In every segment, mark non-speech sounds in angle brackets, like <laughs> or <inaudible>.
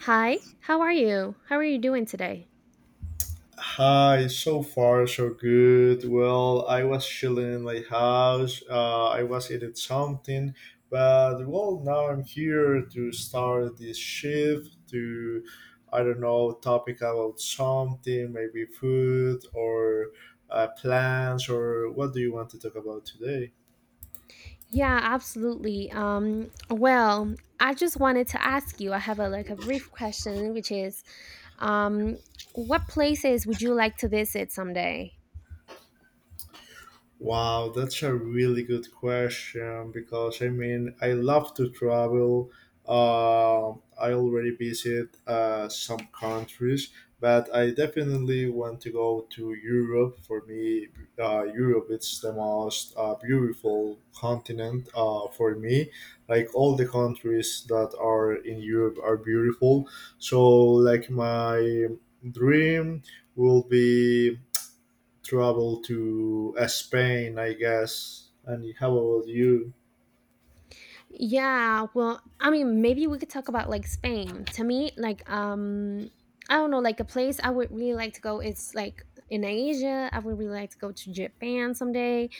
Hi, how are you? How are you doing today? Hi, so far so good. Well, I was chilling in my house. I was eating something, but well, now I'm here to start this shift to, I don't know, topic about something, maybe food or plants or what do you want to talk about today? Yeah, absolutely. Well, I just wanted to ask you. I have a like a brief question, which is, um, what places would you like to visit someday? Wow, that's a really good question because I mean, I love to travel. I already visit some countries, but I definitely want to go to Europe. For me, Europe it's the most beautiful continent for me. Like all the countries that are in Europe are beautiful. So, like my dream will be travel to Spain, I guess. And how about you? Yeah, well, I mean, maybe we could talk about like Spain. To me, like I don't know, like a place I would really like to go is like in Asia. I would really like to go to Japan someday.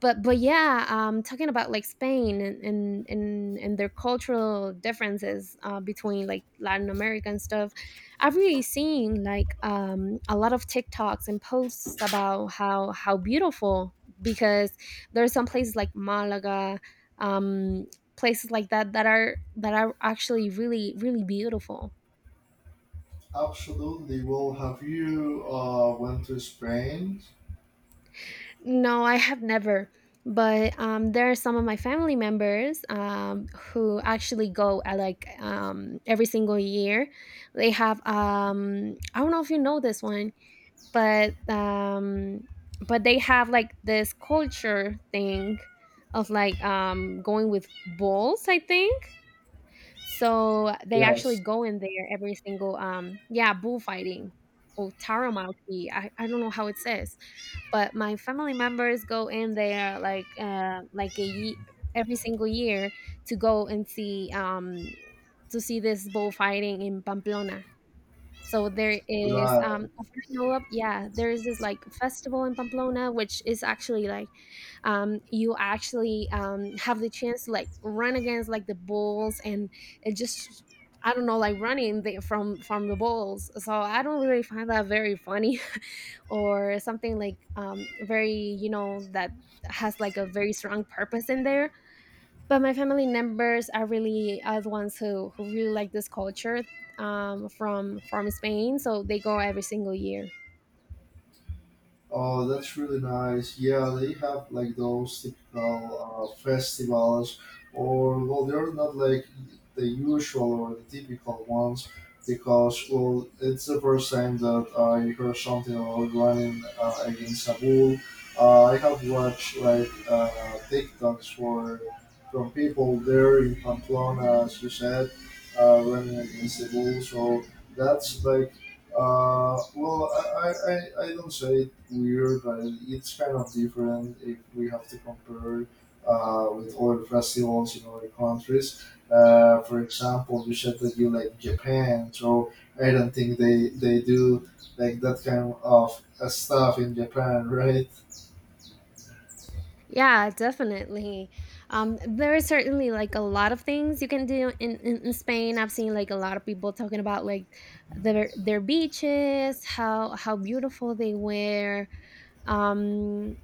But yeah, talking about like Spain and their cultural differences, between like Latin America and stuff. I've really seen like a lot of TikToks and posts about how beautiful, because there are some places like Malaga. um Places like that that are actually really really beautiful. Absolutely. Well, have you went to Spain? No, I have never. But there are some of my family members, who actually go, like, every single year. They have, I don't know if you know this one, but they have like this culture thing of like, going with bulls, I think. So they actually Yes. go in there every single yeah, bullfighting or taramaki. I don't know how it says. But my family members go in there like every single year to go and see, to see this bullfighting in Pamplona. So there is Right. I don't know. Yeah, there is this like festival in Pamplona which is actually like, you actually have the chance to like run against like the bulls, and it just I don't know, like running the, from the bulls. So I don't really find that very funny <laughs> or something like, very, that has like a very strong purpose in there. But my family members are the ones who really like this culture, from Spain, so they go every single year. Oh, that's really nice. Yeah, they have like those typical festivals, or well, they're not like the usual or the typical ones because well, it's the first time that I heard something about running against a bull. I have watched like TikToks for from people there in Pamplona, as you said, running against the bull. So that's like well, I don't say it weird, but it's kind of different if we have to compare with other festivals in other countries. For example, you said that you like Japan, so I don't think they do like that kind of stuff in Japan, <laughs> right? Yeah, definitely. There is certainly like a lot of things you can do in Spain. I've seen like a lot of people talking about like their beaches, how beautiful they were. um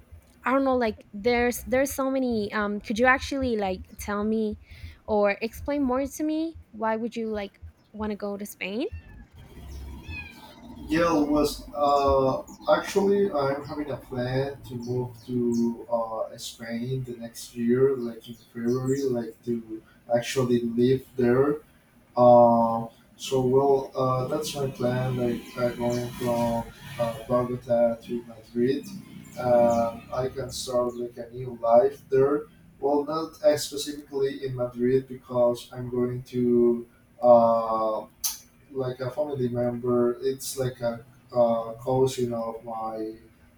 I don't know, like there's so many. Could you actually like tell me or explain more to me why would you like want to go to Spain? Yeah, was actually I'm having a plan to move to Spain the next year, like in February, like to actually live there. Uh, so well, that's my plan. Like going from Bogota to Madrid, I can start like a new life there. Well, not specifically in Madrid because I'm going to. Uh, like a family member. It's like a cousin of my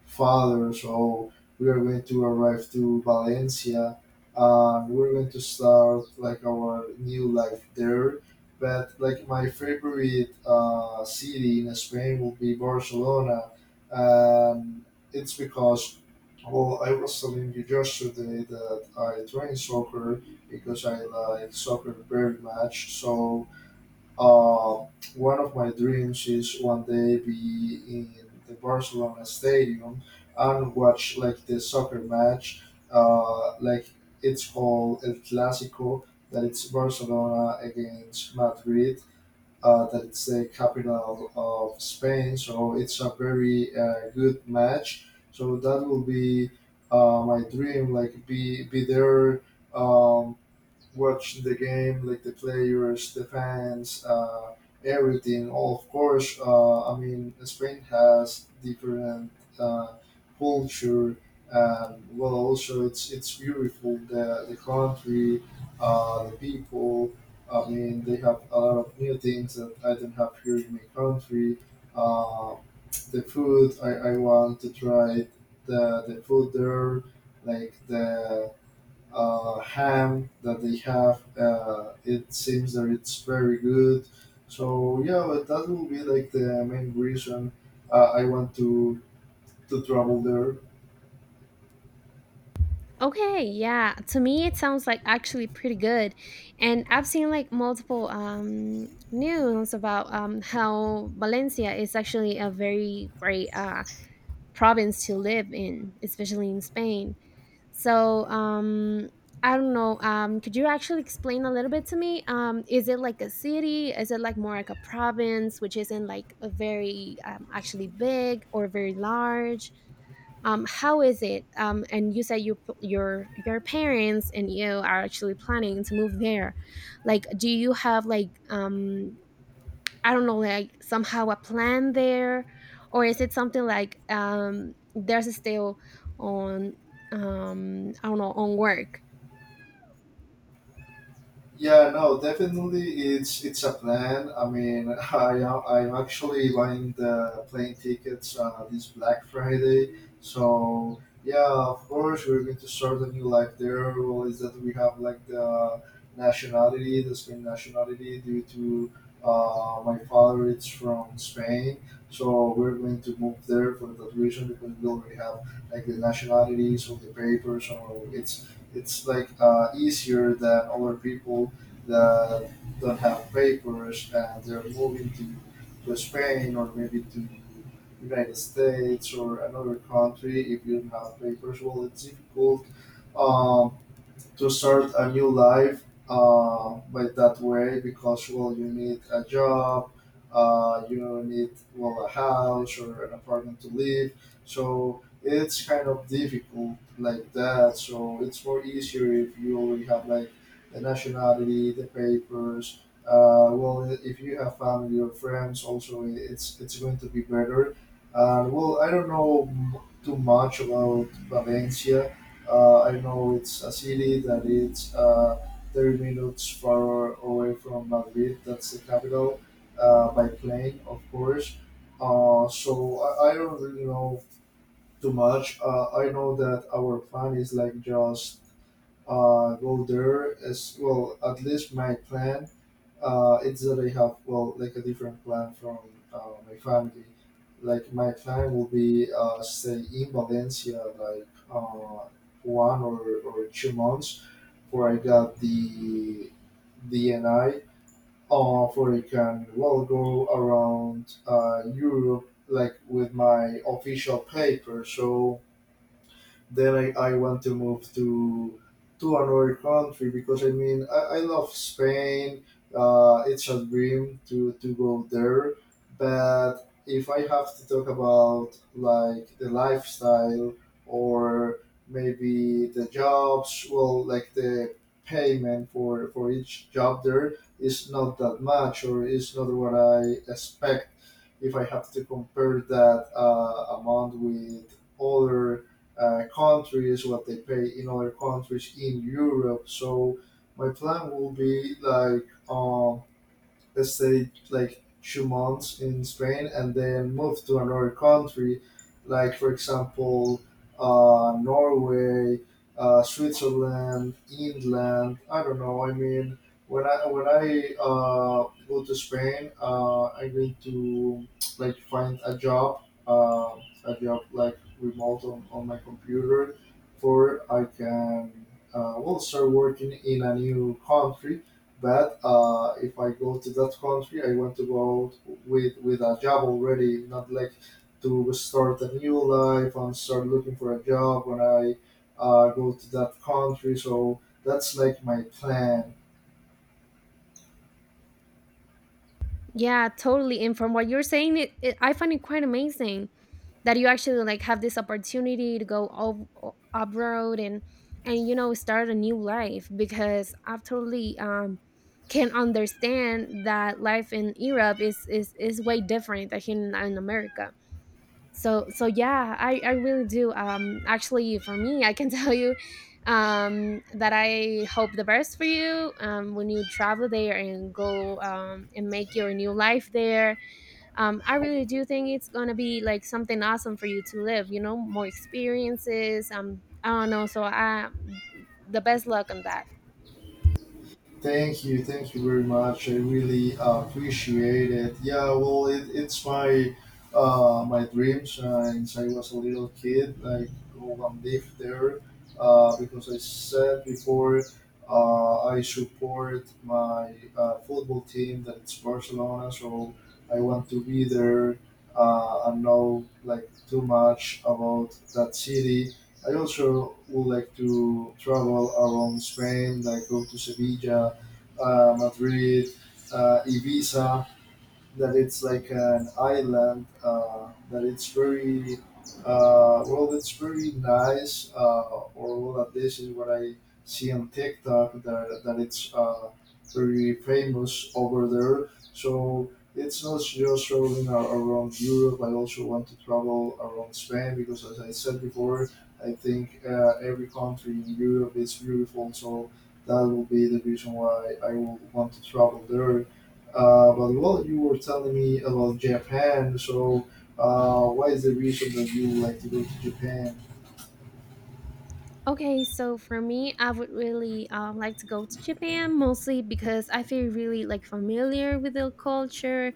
father, so we are going to arrive to Valencia, and we're going to start like our new life there. But like my favorite city in Spain will be Barcelona, and it's because well, I was telling you yesterday that I train soccer because I like soccer very much. So uh, one of my dreams is one day be in the Barcelona stadium and watch like the soccer match. Like it's called El Clásico, that it's Barcelona against Madrid. That it's the capital of Spain, so it's a very good match. So that will be my dream, like be there. Um, Watch the game, like the players, the fans, everything. Oh, of course, I mean, Spain has different uh, culture. Well, also it's beautiful. The country, the people. I mean, they have a lot of new things that I don't have here in my country. Uh, the food, I want to try the the food there, like the ham that they have. It seems that it's very good. So yeah, but that will be like the main reason I want to travel there. Okay, yeah. To me, it sounds like actually pretty good, and I've seen like multiple, news about, how Valencia is actually a very great, province to live in, especially in Spain. So, I don't know. Could you actually explain a little bit to me? Is it like a city? Is it like more like a province, which isn't like a very, actually big or very large? How is it? And you said your parents and you are actually planning to move there. Like, do you have like, I don't know, like somehow a plan there, or is it something like, there's still on, I don't know, on work? Yeah, no, definitely it's a plan. I mean, <laughs> I'm actually buying the plane tickets this Black Friday. So yeah, of course we're going to start a new life there. Well, is that we have like the nationality, the Spain nationality, due to my father is from Spain. So we're going to move there for that reason because we already have like the nationalities of the papers. So it's like easier than other people that don't have papers and they're moving to, Spain or maybe to United States or another country if you don't have papers. Well, it's difficult. Um, to start a new life by that way because well you need a job you need well a house or an apartment to live so it's kind of difficult like that so it's more easier if you already have like the nationality the papers well if you have family or friends also it's going to be better well I don't know too much about Valencia. I know it's a city that is 30 minutes far away from Madrid, that's the capital, by plane, of course. So I don't really know too much. I know that our plan is like just go there as well, at least my plan. It's that I have well, like a different plan from my family. Like my plan will be stay in Valencia like one or 2 months, before I got the DNI. For I can well go around Europe like with my official paper. So then I want to move to another country because I mean I love Spain. It's a dream to, go there, but if I have to talk about like the lifestyle or maybe the jobs, well, like the payment for each job there is not that much or is not what I expect. If I have to compare that amount with other countries, what they pay in other countries in Europe. So my plan will be like let's say like 2 months in Spain and then move to another country, like for example, Norway, Switzerland, England. I don't know. I mean, when I go to Spain, I'm going to like find a job like remote on my computer, for I can well start working in a new country but if I go to that country, I want to go out with a job already, not like to start a new life and start looking for a job when I go to that country. So that's like my plan. Yeah, totally. And from what you're saying, it I find it quite amazing that you actually like have this opportunity to go off up road, and start a new life, because I totally can understand that life in Europe is way different than in America. So yeah, I really do. Actually, for me, I can <laughs> tell you that I hope the best for you when you travel there and go and make your new life there. I really do think it's gonna be like something awesome for you to live, you know, more experiences. I don't know, so I, the best luck on that. Thank you very much. I really appreciate it. Yeah, well, it's my dream since I was a little kid. Like go and live there because I said before I support my football team that it's Barcelona, so I want to be there and know like too much about that city. I also would like to travel around Spain, like go to Sevilla, Madrid, Ibiza, that it's like an island that it's very well it's very nice or well at least is what I see on TikTok, that it's very famous over there. So it's not just traveling around Europe, I also want to travel around Spain because as I said before I think every country in Europe is beautiful, so that will be the reason why I will want to travel there. But well, you were telling me about Japan, so what is the reason that you would like to go to Japan? Okay, so for me, I would really, like to go to Japan mostly because I feel really like familiar with the culture.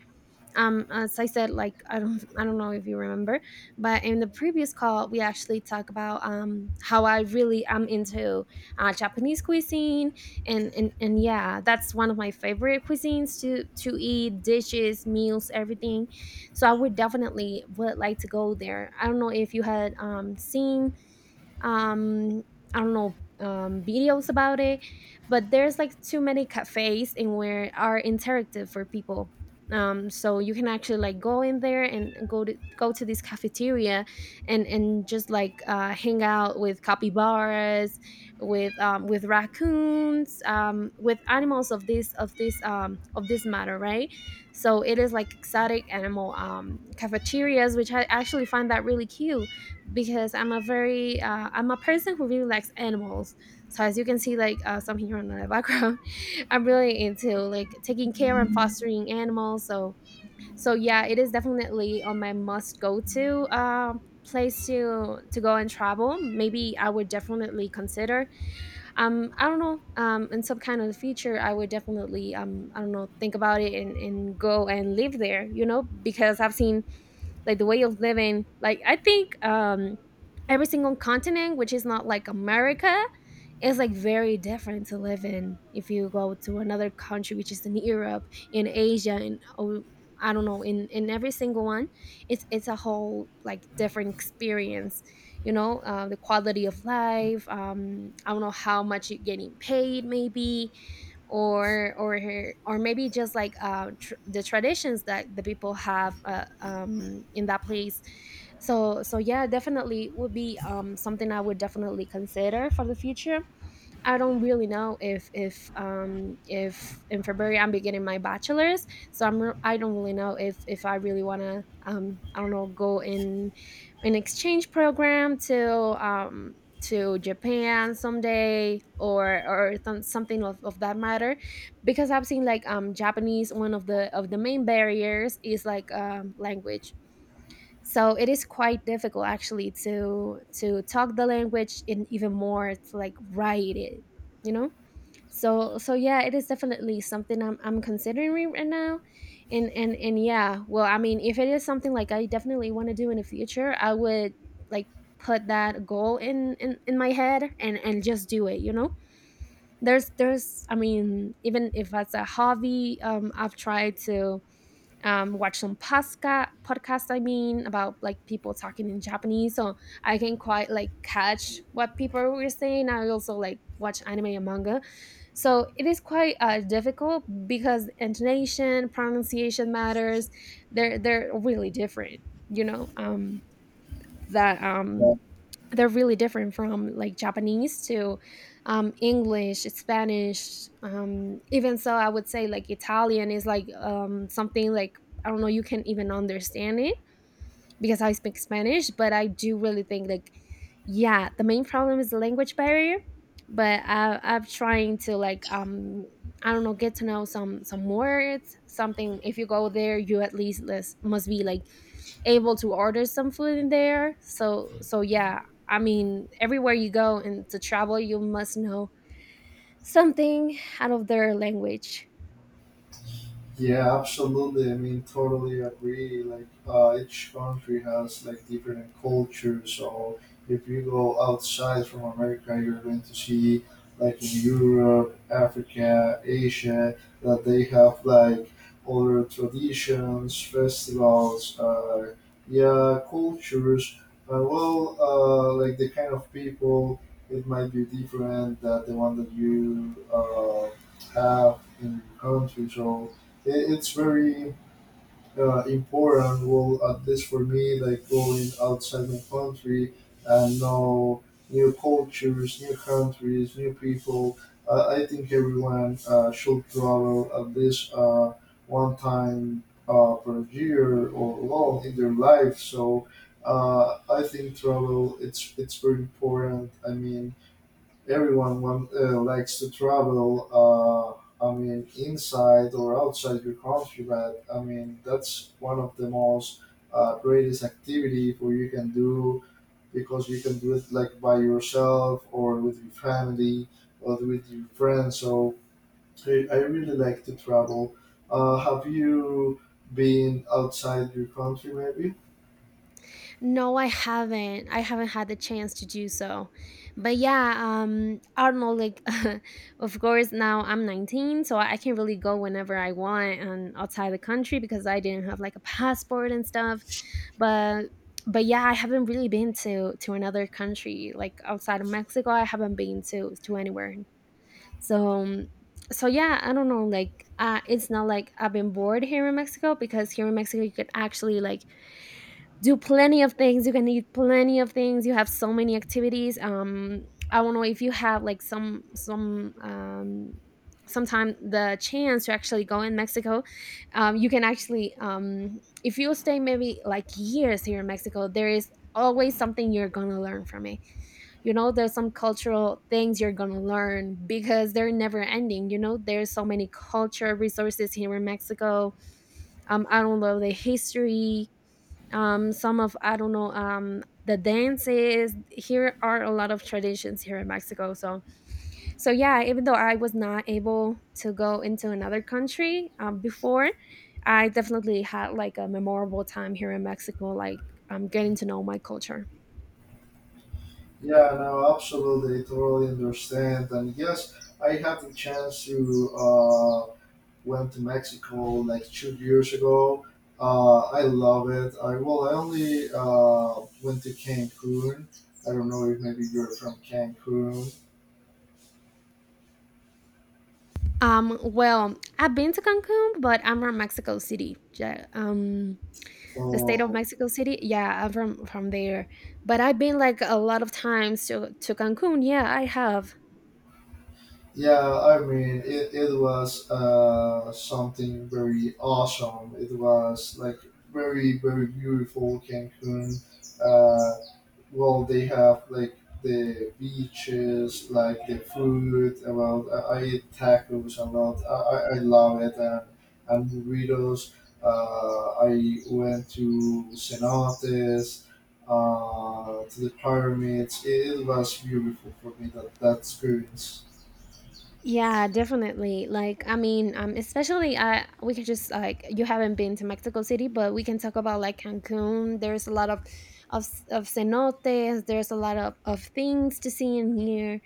As I said, like, I don't know if you remember, but in the previous call we actually talked about how I really am into Japanese cuisine and yeah, that's one of my favorite cuisines to eat: dishes, meals, everything. So I would definitely would like to go there. I don't know if you had seen um I don't know, videos about it. But there's like too many cafes and where are interactive for people. So you can actually like go in there and go to this cafeteria, and just like hang out with capybaras, with raccoons, with animals of this matter, right? So it is like exotic animal cafeterias, which I actually find that really cute, because I'm a person who really likes animals. So as you can see, like, some here on the background, <laughs> I'm really into like taking care and fostering animals. So yeah, it is definitely on my must go to, place to go and travel. Maybe I would definitely consider. I don't know. In some kind of future, I would definitely, I don't know, think about it and go and live there. You know, because I've seen like the way of living. Like, I think, every single continent which is not like America is like very different to live in. If you go to another country which is in Europe, in Asia, and oh, I don't know, in every single one, it's a whole like different experience, you know. The quality of life, I don't know, how much you're getting paid maybe, or or or maybe just like, the traditions that the people have, in that place. So yeah, definitely would be, something I would definitely consider for the future. I don't really know if if in February I'm beginning my bachelor's, so I don't really know if I really want to, I don't know, go in an exchange program to, um, to Japan someday, something of that matter, because I've seen like, Japanese, one of the main barriers is like, language. So it is quite difficult actually to talk the language and even more to like write it, you know. So yeah, it is definitely something I'm considering right now, and yeah, well, I mean, if it is something like I definitely want to do in the future, I would like put that goal in my head, and just do it, you know. There's I mean, even if that's a hobby, I've tried to, watch some pasca podcast, I mean, about like people talking in Japanese, so I can quite like catch what people were saying. I also like watch anime and manga. So it is quite, difficult because intonation, pronunciation matters. They're really different, you know. That, they're really different from like Japanese to, English, Spanish. Even so, I would say like Italian is like, something like I don't know, you can even understand it, because I speak Spanish, but I do really think, like, yeah, the main problem is the language barrier. But I'm trying to, like, I don't know, get to know some words, something. If you go there, you at least less, must be like able to order some food in there. So yeah, I mean, everywhere you go and to travel, you must know something out of their language. Yeah, absolutely. I mean, totally agree. Like, each country has like different cultures. So if you go outside from America, you're going to see like in Europe, Africa, Asia, that they have like other traditions, festivals, yeah, cultures, and well, like the kind of people it might be different that the one that you have in your country. So it's very important. Well, at least for me, like going outside my country and know new cultures, new countries, new people. I think everyone should travel at least one time per year or long in their life. So I think travel it's very important. I mean, everyone likes to travel. I mean, inside or outside your country, but I mean that's one of the most greatest activity for you can do because you can do it like by yourself or with your family or with your friends. So I really like to travel. Have you been outside your country maybe? No, I haven't. I haven't had the chance to do so. But yeah, I don't know, like <laughs> of course now I'm 19, so I can really go whenever I want and outside the country because I didn't have like a passport and stuff. But but yeah, I haven't really been to another country like outside of Mexico. I haven't been to anywhere. So, so yeah, I don't know. Like, it's not like I've been bored here in Mexico, because here in Mexico you could actually like do plenty of things, you can eat plenty of things, you have so many activities. I don't know if you have like some sometime the chance to actually go in Mexico. You can actually, if you stay maybe like years here in Mexico, there is always something you're gonna learn from it. You know, there's some cultural things you're gonna learn because they're never ending. You know, there's so many culture resources here in Mexico. I don't know, the history. Some of, I don't know, the dances here are a lot of traditions here in Mexico. So yeah, even though I was not able to go into another country before, I definitely had like a memorable time here in Mexico, like getting to know my culture. Yeah, no, absolutely, totally understand. And yes, I had the chance to. Uh, Went to Mexico like 2 years ago. I love it. I only went to Cancun. I don't know if maybe you're from Cancun. Well, I've been to Cancun, but I'm from Mexico City. Yeah, the state of Oh. Mexico City. Yeah, I'm from there, but I've been like a lot of times to Cancun. Yeah, I have. Yeah, I mean, it was something very awesome. It was like very, very beautiful Cancun. Uh, well, they have like the beaches, like the food. Well, I eat tacos a lot. I love it. And burritos. I went to cenotes, to the pyramids. It was beautiful for me, that experience. Yeah, definitely. Like, I mean, especially, we can just like, you haven't been to Mexico City, but we can talk about like Cancun. There's a lot of of cenotes. There's a lot of things to see in here.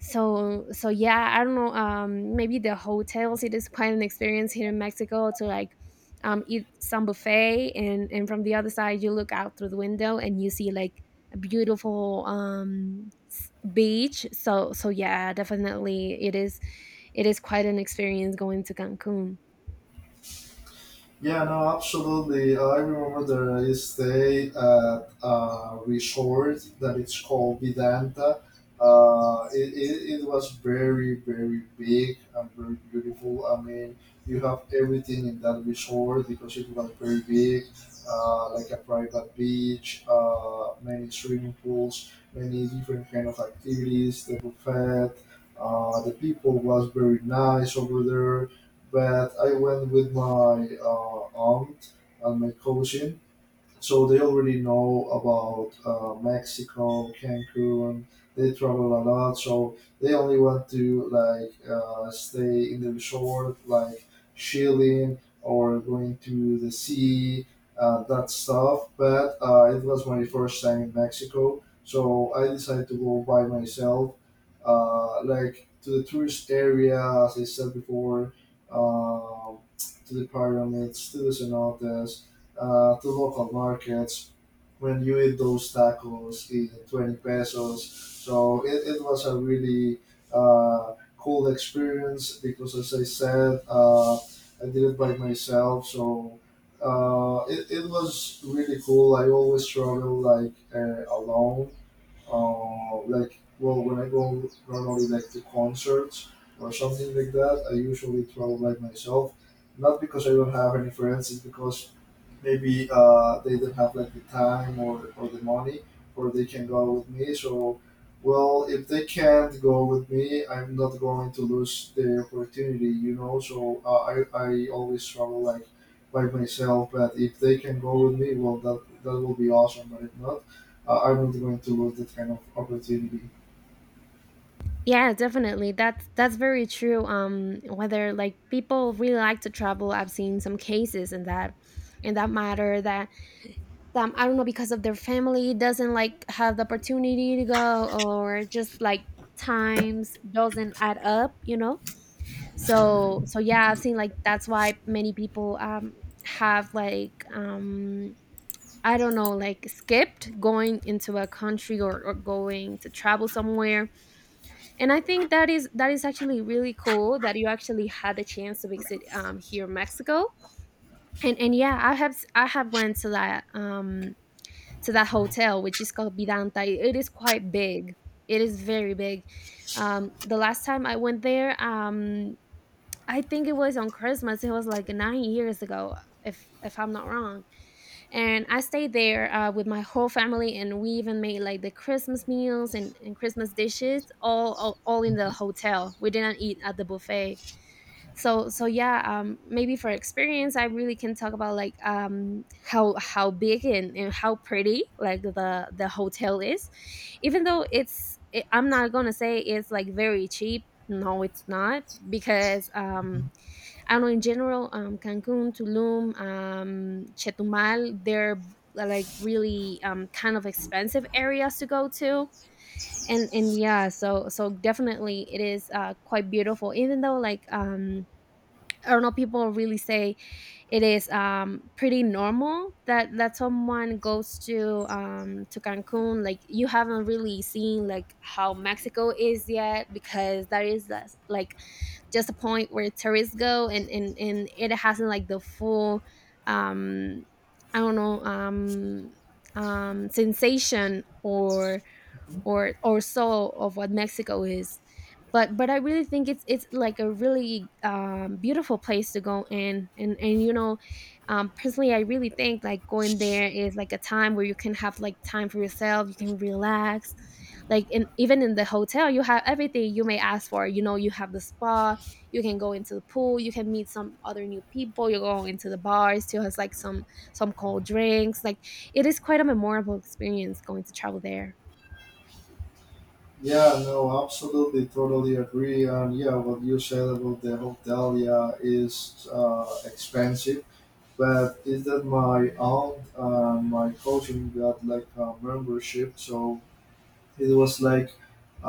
So yeah, I don't know. Maybe the hotels. It is quite an experience here in Mexico, to like eat some buffet, and from the other side you look out through the window and you see like a beautiful beach. So yeah definitely, it is, it is quite an experience going to Cancun. Yeah, no, absolutely. I remember there is stay at a resort that it's called Vedanta. It was very, very big and very beautiful. I mean, you have everything in that resort because it was very big, like a private beach, many swimming pools, many different kind of activities, the buffet. The people was very nice over there, but I went with my aunt and my cousin, so they already know about Mexico, Cancun. They travel a lot, so they only want to like stay in the resort, like chilling or going to the sea, that stuff. But it was my first time in Mexico, so I decided to go by myself, like to the tourist area, as I said before, um to the pyramids, to the cenotes, to local markets when you eat those tacos in 20 pesos. So it was a really cool experience because, as I said, I did it by myself. So it was really cool. I always travel like alone. Well, when I go normally like to concerts or something like that, I usually travel by myself. Not because I don't have any friends, it's because maybe they don't have like the time, or the money, or they can go with me. So well, if they can't go with me, I'm not going to lose the opportunity. So I always travel like by myself. But if they can go with me, well, that will be awesome. But if not, I'm not going to lose that kind of opportunity. Yeah, definitely. That's very true. Whether like people really like to travel, I've seen some cases in that matter, that I don't know, because of their family doesn't like have the opportunity to go, or just like times doesn't add up, you know. So yeah, I've seen like that's why many people have like, I don't know, like, skipped going into a country, or going to travel somewhere. And I think that is, actually really cool that you actually had the chance to visit here in Mexico. And yeah, I have I have went to that to that hotel, which is called Vidanta. It is quite big. It is very big. The last time I went there, I think it was on Christmas. It was like 9 years ago, if I'm not wrong, and I stayed there with my whole family, and we even made like the Christmas meals and, Christmas dishes, all in the hotel. We didn't eat at the buffet. So yeah, maybe for experience I really can talk about like how big and, how pretty like the hotel is, even though I'm not gonna say it's like very cheap. No, it's not, because I don't know, in general, Cancun, Tulum, Chetumal, they're like really kind of expensive areas to go to, and yeah, so definitely it is quite beautiful. Even though like, I don't know, people really say it is pretty normal that someone goes to, Cancun. Like you haven't really seen like how Mexico is yet, because that is, like, just a point where tourists go, and it hasn't like the full. Um, I don't know. Sensation, or or so, of what Mexico is. But I really think it's like a really beautiful place to go in, and you know, personally, I really think like going there is like a time where you can have like time for yourself, you can relax. Like in, even in the hotel, you have everything you may ask for. You know, you have the spa, you can go into the pool, you can meet some other new people. You go into the bars too, has like some cold drinks. Like it is quite a memorable experience going to travel there. Yeah, no, absolutely, totally agree. And yeah, what you said about the hotel, yeah, is expensive. But is that my aunt and my cousin got like a membership, so it was like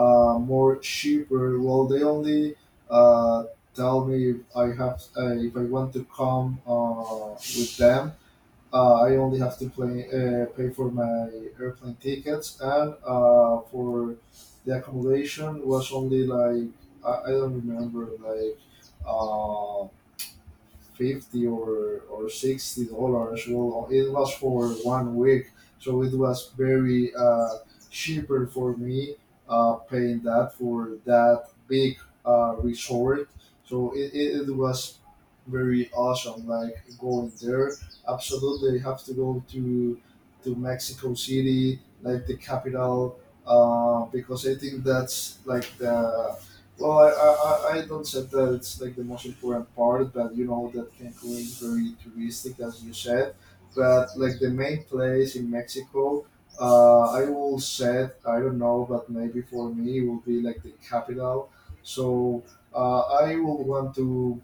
more cheaper. Well, they only uh, tell me if I have if I want to come with them. I only have to pay for my airplane tickets and for the accommodation was only like, I don't remember like. Uh, 50 or $60. Well, it was for one week, so it was very cheaper for me paying that for that big resort. So it was very awesome. Like, going there, absolutely you have to go to Mexico City, like the capital, because I think that's like the, well, I don't said that it's like the most important part, but you know that Cancun is very touristic, as you said. But like the main place in Mexico, I will say I don't know, but maybe for me it will be like the capital. So I will want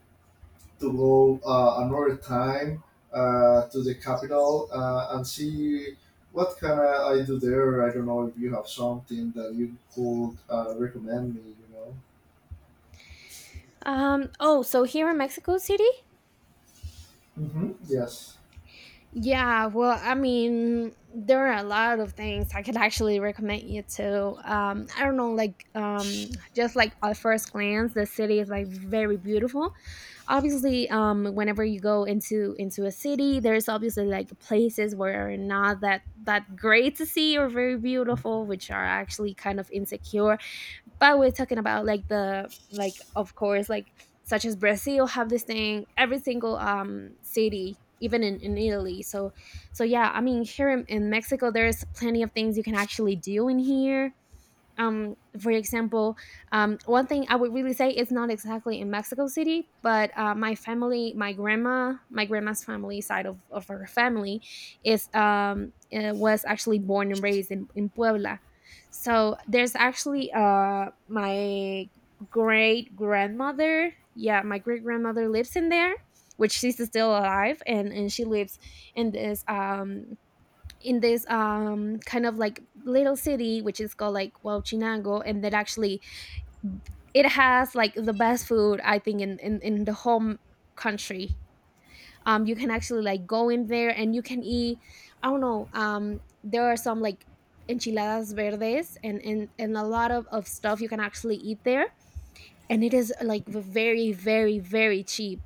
to go another time to the capital and see what can I do there. I don't know if you have something that you could recommend me. You know. Oh, so here in Mexico City? Hmm. Yes. Yeah, well, I mean, there are a lot of things I could actually recommend you to. I don't know, like, just like at first glance, the city is like very beautiful. Obviously, whenever you go into a city, there's obviously like places where are not that great to see or very beautiful, which are actually kind of insecure, but we're talking about like the, like, of course, like, such as Brazil, have this thing every single city, even in Italy. So yeah I mean, here in Mexico there's plenty of things you can actually do in here. um, for example, one thing I would really say is not exactly in Mexico City, but my family, my grandma, my grandma's family side of her family, is was actually born and raised in Puebla. So there's actually my great grandmother. Yeah, my great grandmother lives in there, which she's still alive, and she lives in this um, in this kind of like little city, which is called like Huachinango, and that actually, it has like the best food I think, in the home country. You can actually like go in there and you can eat, I don't know, there are some like enchiladas verdes, and a lot of stuff you can actually eat there, and it is like very very very cheap.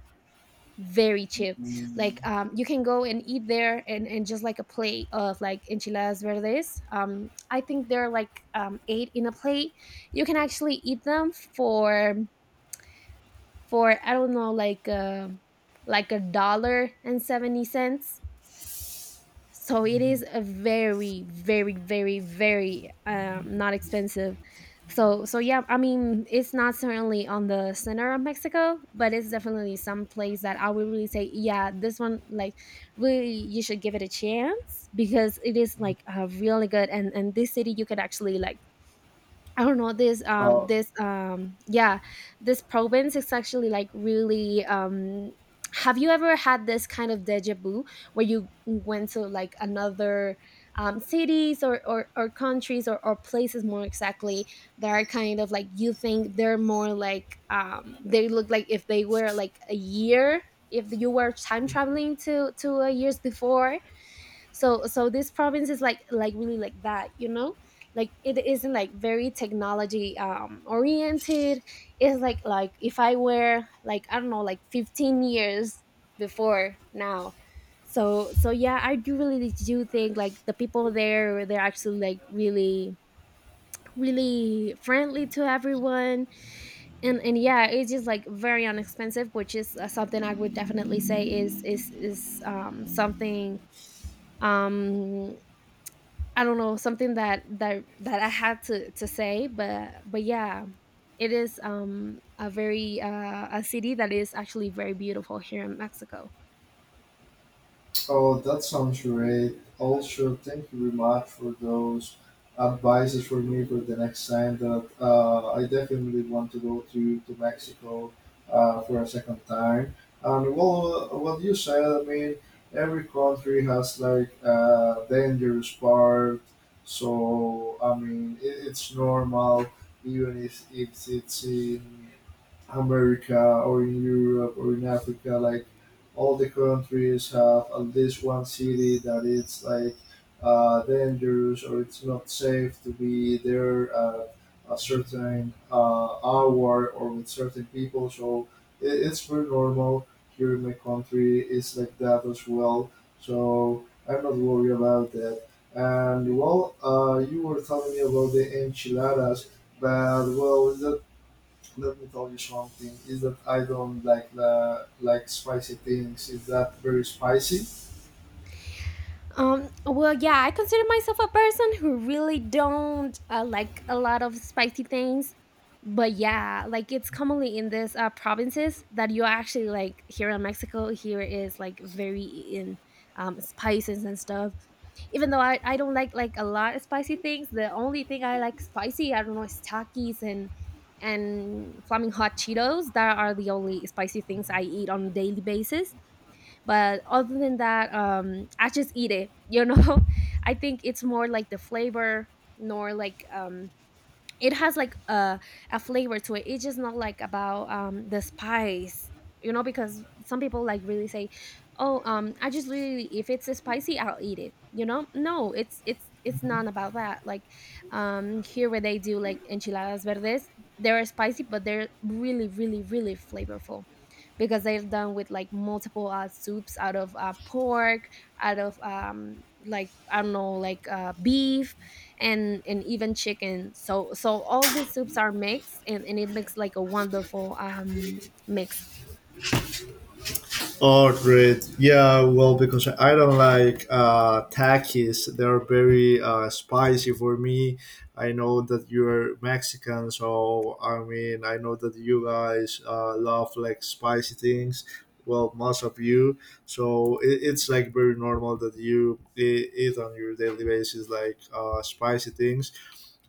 Very cheap. Like Mm. You can go and eat there, and just like a plate of like enchiladas verdes, I think they're like eight in a plate. You can actually eat them for I don't know, like, like a dollar and 70 cents. So it is a very very very very not expensive. So yeah, I mean, it's not certainly on the center of Mexico, but it's definitely some place that I would really say, yeah, this one, like really, you should give it a chance because it is like really good. And this city, you could actually like, I don't know, this Uh, yeah, this province is actually like really, have you ever had this kind of deja vu, where you went to like another cities, or countries, or places, more exactly, that are kind of like, you think they're more like, they look like if they were like a year, if you were time traveling to a years before. So this province is like really like that, you know. Like it isn't like very technology oriented. It's like, if I were, like, I don't know, like 15 years before now. So yeah, I do really do think like the people there, they're actually like really friendly to everyone. And yeah, it's just like very inexpensive, which is something I would definitely say is is something, um I don't know, something that I had to say, but yeah, it is a very a city that is actually very beautiful here in Mexico. Oh, that sounds great. Also, thank you very much for those advices for me for the next time that I definitely want to go to Mexico for a second time. And well, what you said, I mean, every country has like a dangerous part. So, I mean, it's normal, even if, it's in America or in Europe or in Africa, like all the countries have at least one city that it's like dangerous or it's not safe to be there at a certain hour or with certain people. So it's pretty normal here in my country. It's like that as well. So I'm not worried about that. And well, you were telling me about the enchiladas, but well, that, let me tell you something. Is that I don't like the like spicy things. Is that very spicy? Well, yeah, I consider myself a person who really don't like a lot of spicy things. But yeah, like it's commonly in these provinces that you actually, like here in Mexico, here is like very in spices and stuff. Even though I don't like a lot of spicy things, the only thing I like spicy, I don't know, is takis, and flaming hot Cheetos. That are the only spicy things I eat on a daily basis, but other than that, I just eat it, you know. <laughs> I think it's more like the flavor, nor like, it has like a flavor to it, it's just not like about the spice. You know, because some people like really say, oh, I just really, if it's spicy I'll eat it, you know. No, it's not about that, like here where they do like enchiladas verdes, they're spicy, but they're really really really flavorful, because they're done with like multiple soups, out of pork, out of like, I don't know, like beef, and even chicken. So all these soups are mixed, and it makes like a wonderful mix. Oh, great. Yeah, well, because I don't like takis. They're very spicy for me. I know that you're Mexican, so I mean, I know that you guys love like spicy things. Well, most of you. So it's like very normal that you eat on your daily basis like spicy things.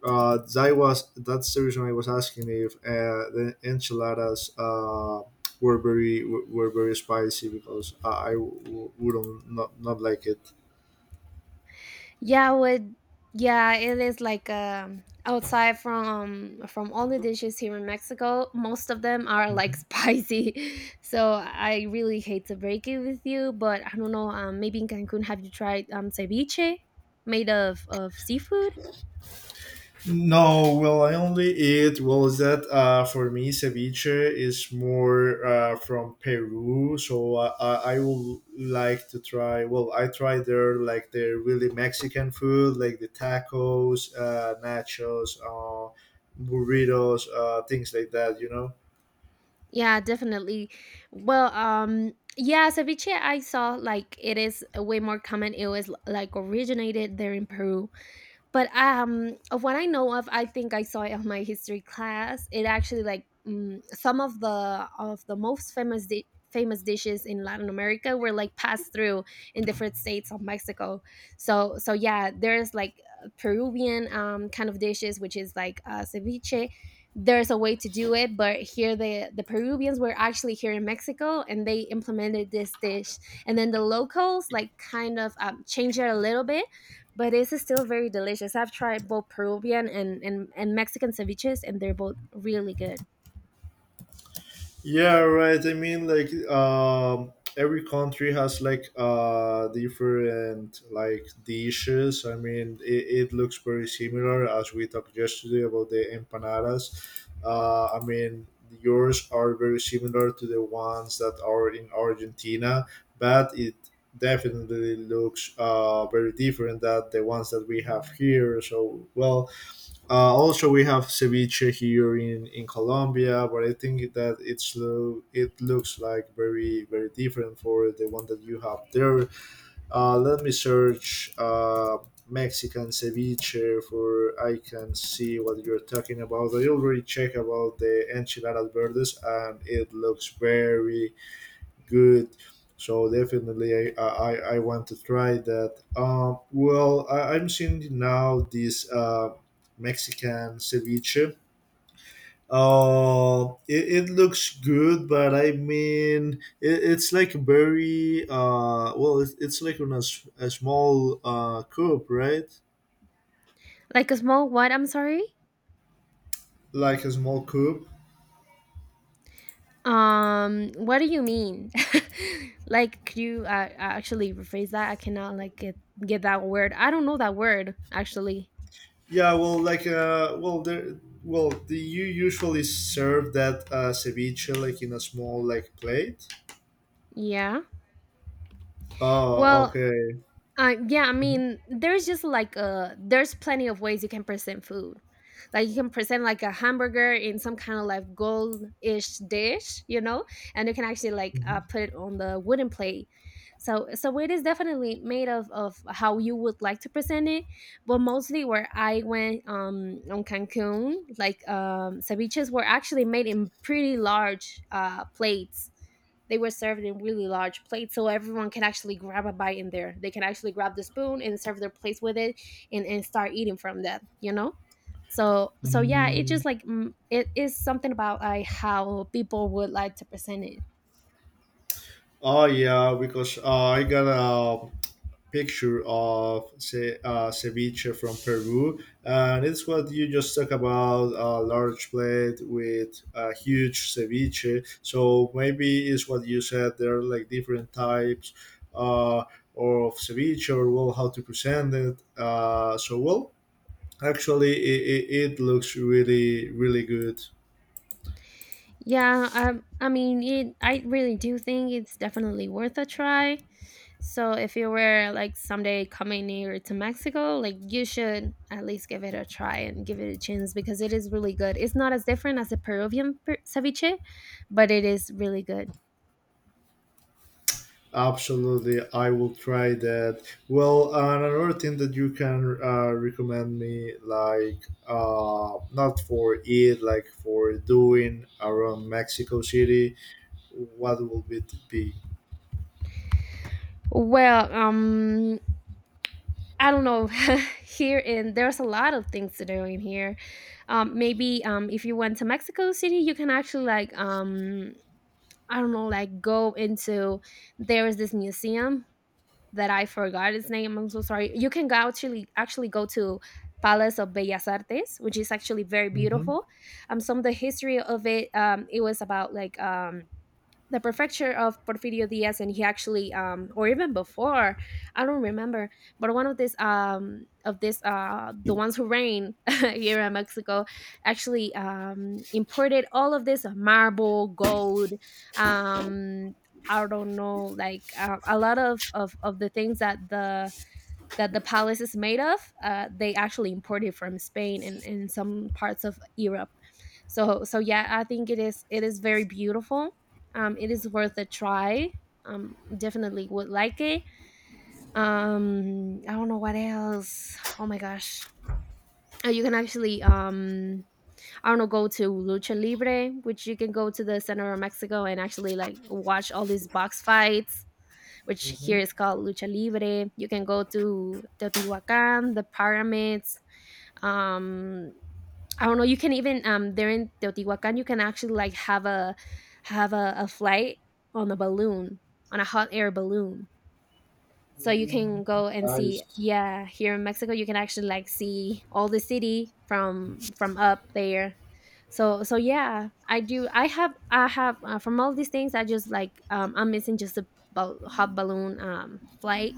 That's the reason I was asking if the enchiladas. Were very were very spicy because I wouldn't not like it. yeah with yeah, it is like outside from all the dishes here in Mexico, most of them are like <laughs> spicy. So I really hate to break it with you, but I don't know, maybe in Cancun, have you tried ceviche made of seafood? No, well, I only eat. Well, is that for me? Ceviche is more from Peru, so I would like to try. Well, I tried their like their really Mexican food, like the tacos, nachos, burritos, things like that. You know. Yeah, definitely. Well, yeah, ceviche, I saw like it is way more common. It was like originated there in Peru, but of what I know of, I think I saw it on my history class, it actually like, some of the most famous famous dishes in Latin America were like passed through in different states of Mexico. So yeah there's like Peruvian kind of dishes, which is like ceviche. There's a way to do it, but here the Peruvians were actually here in Mexico and they implemented this dish, and then the locals like kind of changed it a little bit, but it is still very delicious. I've tried both Peruvian and Mexican ceviches, and they're both really good. Yeah, right. I mean, like every country has like different like dishes. I mean, it looks very similar as we talked yesterday about the empanadas. I mean, yours are very similar to the ones that are in Argentina, but it definitely looks very different than the ones that we have here. So, well, also, we have ceviche here in Colombia, but I think that it's it looks like very very different for the one that you have there. Let me search Mexican ceviche for I can see what you're talking about. I already checked about the enchiladas verdes, and it looks very good. So definitely, I want to try that. Well, I'm seeing now this Mexican ceviche. It looks good, but I mean, it's like very well, it's like on a, a small cube, right? Like a small what? I'm sorry. Like a small cube. What do you mean? <laughs> Like, could you actually rephrase that? I cannot like get that word. I don't know that word actually. Yeah, well, like well, there, well, the, you usually serve that ceviche like in a small like plate. Yeah. Oh, Well, okay. Yeah. I Mhm, mean, there's just like there's plenty of ways you can present food. Like you can present like a hamburger in some kind of like goldish dish, and you can actually like mhm. Put it on the wooden plate. So it is definitely made of how you would like to present it, but mostly where I went, on Cancun, like ceviches were actually made in pretty large plates. They were served in really large plates, so everyone can actually grab a bite in there. They can actually grab the spoon and serve their plates with it and start eating from that. So yeah, it Mm. just like it is something about like how people would like to present it. Oh, yeah, because I got a picture of say, ceviche from Peru, and it's what you just talked about, a large plate with a huge ceviche. So maybe it's what you said, there are like different types uh, of ceviche or well, how to present it. So, well, actually, it looks really, really good. Yeah, I mean, I really do think it's definitely worth a try, so if you were like someday coming near to Mexico, like you should at least give it a try and give it a chance, because it is really good. It's not as different as the Peruvian ceviche, but it is really good. Absolutely, I will try that. Well, and another thing that you can recommend me, like not for it, like for doing around Mexico City, what will it be? Well, I don't know. <laughs> here in There's a lot of things to do in here. Maybe, if you went to Mexico City, you can actually like, I don't know, like go into, there is this museum that I forgot its name. I'm so sorry. You can go actually actually go to Palace of Bellas Artes, which is actually very Mm-hmm. beautiful. Some of the history of it, it was about like, the prefecture of Porfirio Diaz, and he actually, or even before, I don't remember, but one of this, the ones who reigned <laughs> here in Mexico, actually, imported all of this marble, gold, um, I don't know, like, a lot of the things that the palace is made of. They actually imported from Spain and in some parts of Europe. So yeah, I think it is very beautiful. It is worth a try. Definitely would like it. I don't know what else. Oh my gosh. You can actually, I don't know, go to Lucha Libre, which you can go to the center of Mexico and actually like watch all these box fights, which here is called Lucha Libre. You can go to Teotihuacan, the pyramids. Um, I don't know. You can even, there in Teotihuacan, you can actually like have a flight on a balloon, on a hot air balloon, so you Mm-hmm. can go and see. Nice. Yeah, here in Mexico you can actually like see all the city from up there. So yeah, I do. I have, from all these things, I just like, I'm missing just a hot balloon, flight.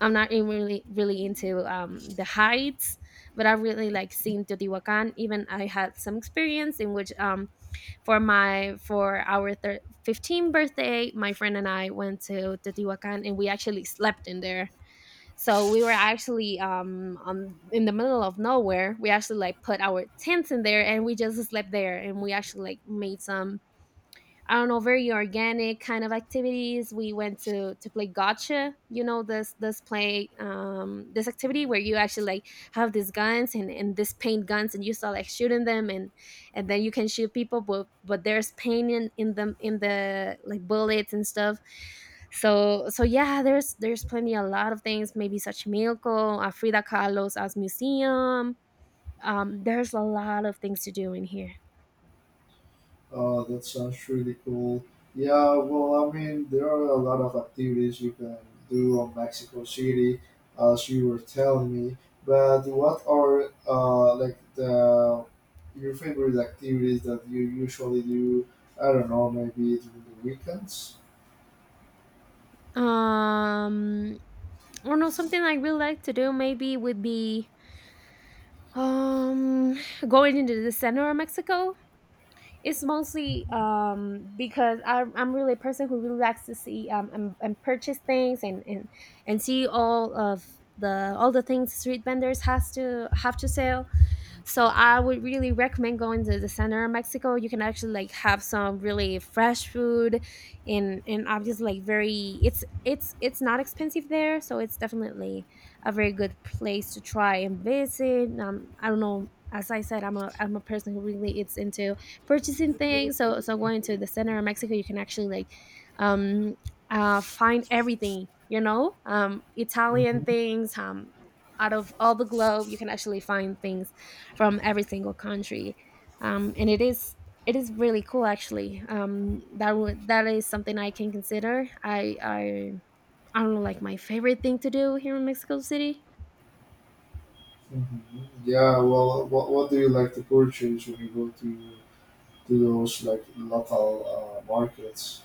I'm not in really, really into, the heights, but I really like seeing Teotihuacan. Even I had some experience in which, for my for our 15th birthday, my friend and I went to Teotihuacan and we actually slept in there. So we were actually, in the middle of nowhere. We actually like put our tents in there and we just slept there, and we actually like made some, I don't know, very organic kind of activities. We went to play gotcha. You know, this activity where you actually like have these guns and this paint guns, and you start like shooting them, and then you can shoot people, but there's paint in them, in the like bullets and stuff. So yeah, there's plenty a lot of things. Maybe such Milko, Frida Kahlo's as museum. There's a lot of things to do in here. Oh, that sounds really cool. Yeah, well, I mean, there are a lot of activities you can do on Mexico City, as you were telling me. But what are like the your favorite activities that you usually do? I don't know, maybe during the weekends. Um or no, something I really like to do maybe would be, um going into the center of Mexico. It's mostly, because I'm really a person who really likes to see, and, purchase things, and see all of the all the things street vendors has to have to sell. So I would really recommend going to the center of Mexico. You can actually like have some really fresh food, and obviously like, very it's not expensive there, so it's definitely a very good place to try and visit. I don't know, as I said, I'm a person who really is into purchasing things. So going to the center of Mexico, you can actually like, um find everything, you know, Italian Hmm. things, out of all the globe you can actually find things from every single country. And it is really cool, actually. That is something I can consider. I don't know, like my favorite thing to do here in Mexico City. Yeah, well, what do you like to purchase when you go to those like local markets?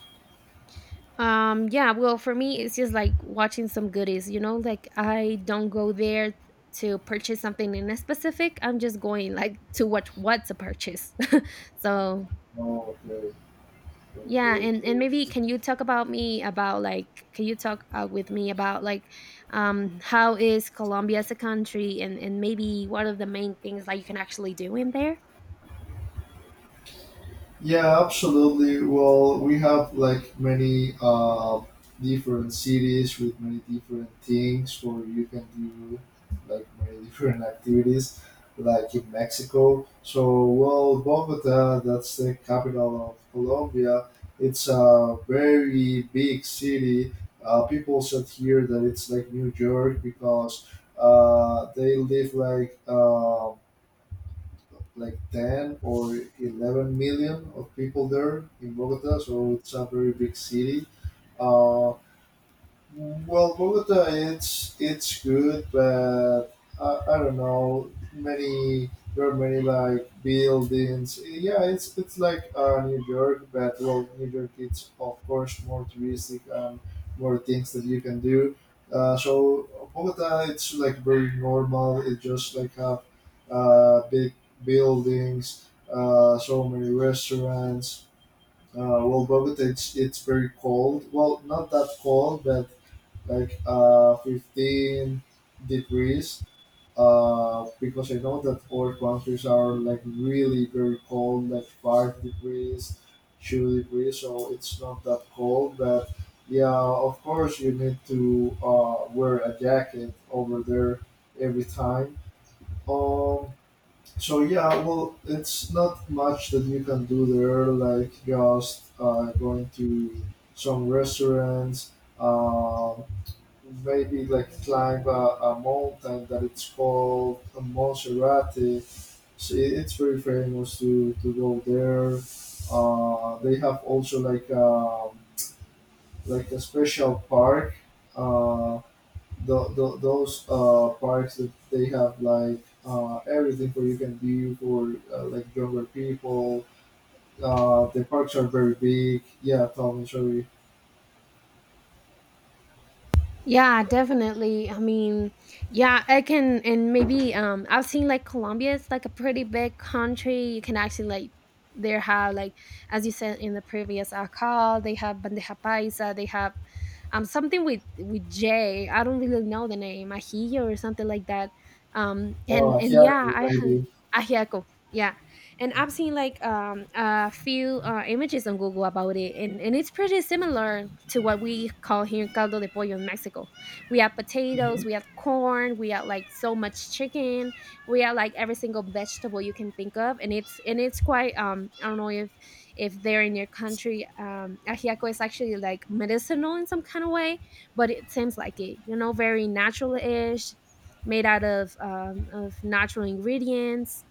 Yeah, well, for me it's just like watching some goodies. Like, I don't go there to purchase something in a specific. I'm just going like to watch what to purchase. <laughs> So Oh, okay, yeah, okay. and maybe Okay. can you talk about me about like, can you talk with me about like, how is Colombia as a country, and maybe what are the main things like you can actually do in there? Yeah, absolutely. Well, we have like many different cities with many different things where you can do like many <laughs> different activities, like in Mexico. So, well, Bogota, that's the capital of Colombia. It's a very big city. People said here that it's like New York because they live like. Like 10 or 11 million of people there in Bogota, so it's a very big city. Uh, well, Bogota, it's good, but I don't know. Many, there are many like buildings. Yeah, it's like New York, but well, New York it's of course more touristic and more things that you can do. So Bogota, it's like very normal. It just like have big buildings, so many restaurants. Well, Bogota, it's very cold. Well, not that cold, but like 15 degrees because I know that other countries are like really very cold, like 5 degrees, 2 degrees, so it's not that cold. But yeah, of course, you need to wear a jacket over there every time. Um, so yeah, well, it's not much that you can do there, like just going to some restaurants. Um, maybe like climb a mountain that it's called Montserrat. It's very famous to go there. They have also like a special park. Uh, those parks that they have like everything for you can do for like younger people. The parks are very big. Yeah, Tom and Jerry. Yeah, definitely. I mean, yeah, I can. And maybe, I've seen like Colombia is like a pretty big country. You can actually like, there have like, as you said in the previous call, they have bandeja paisa, they have, something with J. I don't really know the name, ajillo or something like that. And and Hyaku yeah, maybe. ajiaco. Yeah, and I've seen like, a few images on Google about it, and it's pretty similar to what we call here caldo de pollo in Mexico. We have Mm-hmm. potatoes, we have corn, we have like so much chicken, we have like every single vegetable you can think of, and it's quite, I don't know if they're in your country. Ajiaco is actually like medicinal in some kind of way, but it seems like it, very natural-ish, made out of, natural ingredients.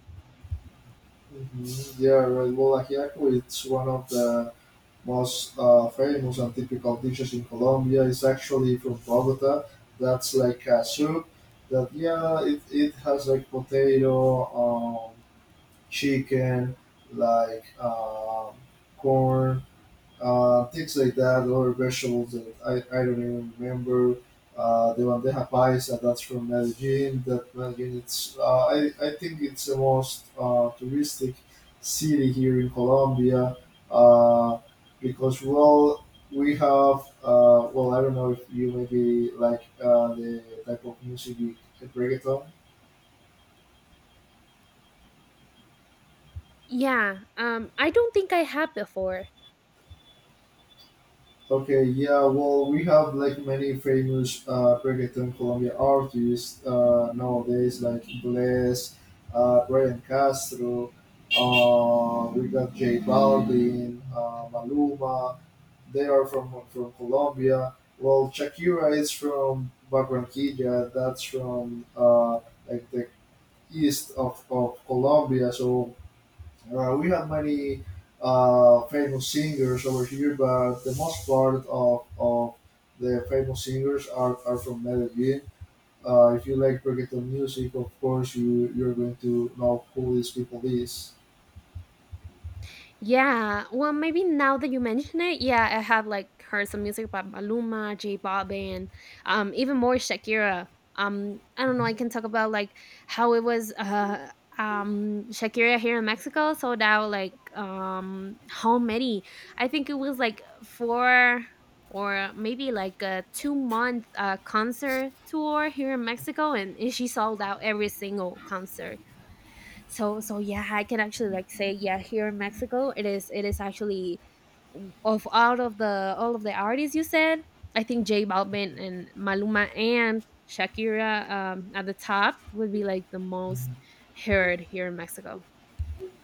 Mhm. Yeah, well, well, ajiaco is one of the most famous and typical dishes in Colombia. It's actually from Bogota. That's like a soup that, yeah, it has like potato, chicken, like corn, things like that, or vegetables that I don't even remember. The bandeja paisa, that's from Medellin. That Medellin, it's I think it's the most touristic city here in Colombia uh, because well, we have well I don't know if you maybe like the type of music, the reggaeton. Yeah, I don't think I have before. Okay, yeah, well, we have like many famous reggaeton Colombia artists nowadays, like Bless, Brian Castro, we got J Balvin, Maluma, they are from Colombia. Well, Shakira is from Barranquilla, that's from like the east of Colombia, so we have many famous singers over here, but the most part of the famous singers are from Medellin. If you like reggaeton music, of course, you're going to know who these people is. Yeah, well, maybe now that you mention it, yeah, I have like heard some music by Maluma, J Balvin, even more Shakira. I don't know. I can talk about like how it was, Shakira here in Mexico sold out like, how many? I think it was like four, or maybe like a 2 month concert tour here in Mexico, and she sold out every single concert. So yeah, I can actually like say, yeah, here in Mexico it is actually, of out of the all of the artists you said, I think Jay Balvin and Maluma and Shakira, at the top, would be like the most heard here in Mexico.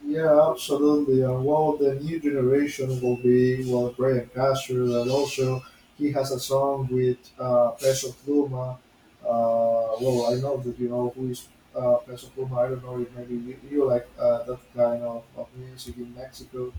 Yeah, absolutely. And well, the new generation will be well Brian Castro. That also he has a song with Peso Pluma. Well, I know that you know who is Peso Pluma. I don't know if maybe you like that kind of music in Mexico.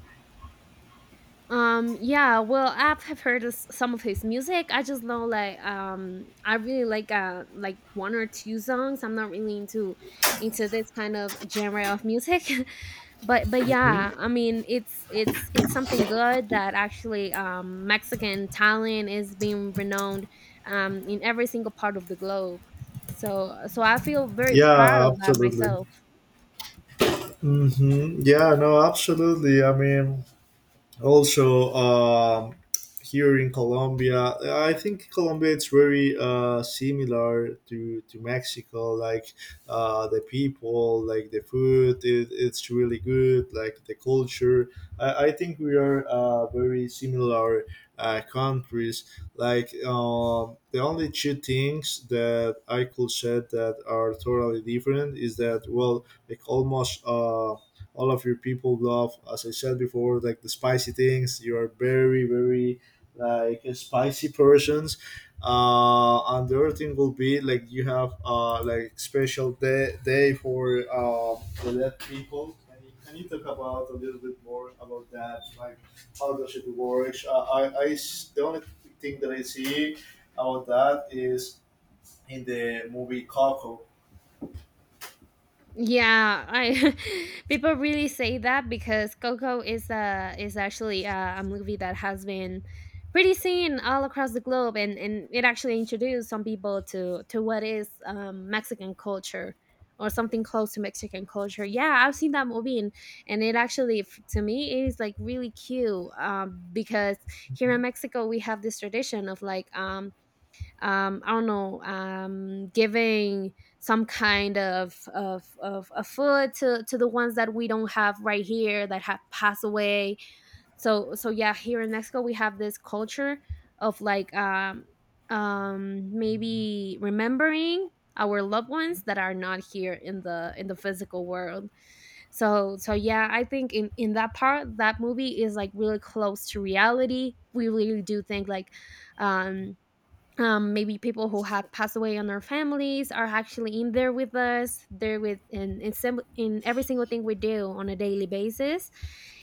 Yeah, well, I've have heard some of his music. I just know like, I really like one or two songs. I'm not really into this kind of genre of music. <laughs> but Hmm? yeah, I mean, it's something good that actually, Mexican talent is being renowned, in every single part of the globe, so I feel very proud Yeah, of that absolutely. myself. Yeah, no, absolutely. I mean, also here in Colombia, I think Colombia it's very similar to Mexico. Like the people, like the food, it's really good. Like the culture, I think we are very similar countries. Like the only two things that I could say that are totally different is that well, like almost. All of your people love, as I said before, like the spicy things. You are very, very like spicy persons. And the other thing will be like you have like special day for um the dead people. Can you, can you talk about a little bit more about that, like how does it work? The only thing that I see about that is in the movie Coco. Yeah, I <laughs> people really say that, because Coco is actually, a movie that has been pretty seen all across the globe, and it actually introduced some people to what is, Mexican culture, or something close to Mexican culture. Yeah, I've seen that movie, and it actually to me, it is like really cute. Because here in Mexico we have this tradition of like, I don't know, giving some kind of food to the ones that we don't have right here, that have passed away. So yeah, here in Mexico we have this culture of like, maybe remembering our loved ones that are not here in the physical world. So yeah, I think in that part, that movie is like really close to reality. We really do think, like, um maybe people who have passed away on their families are actually in there with us. They're with in, sem- in every single thing we do on a daily basis.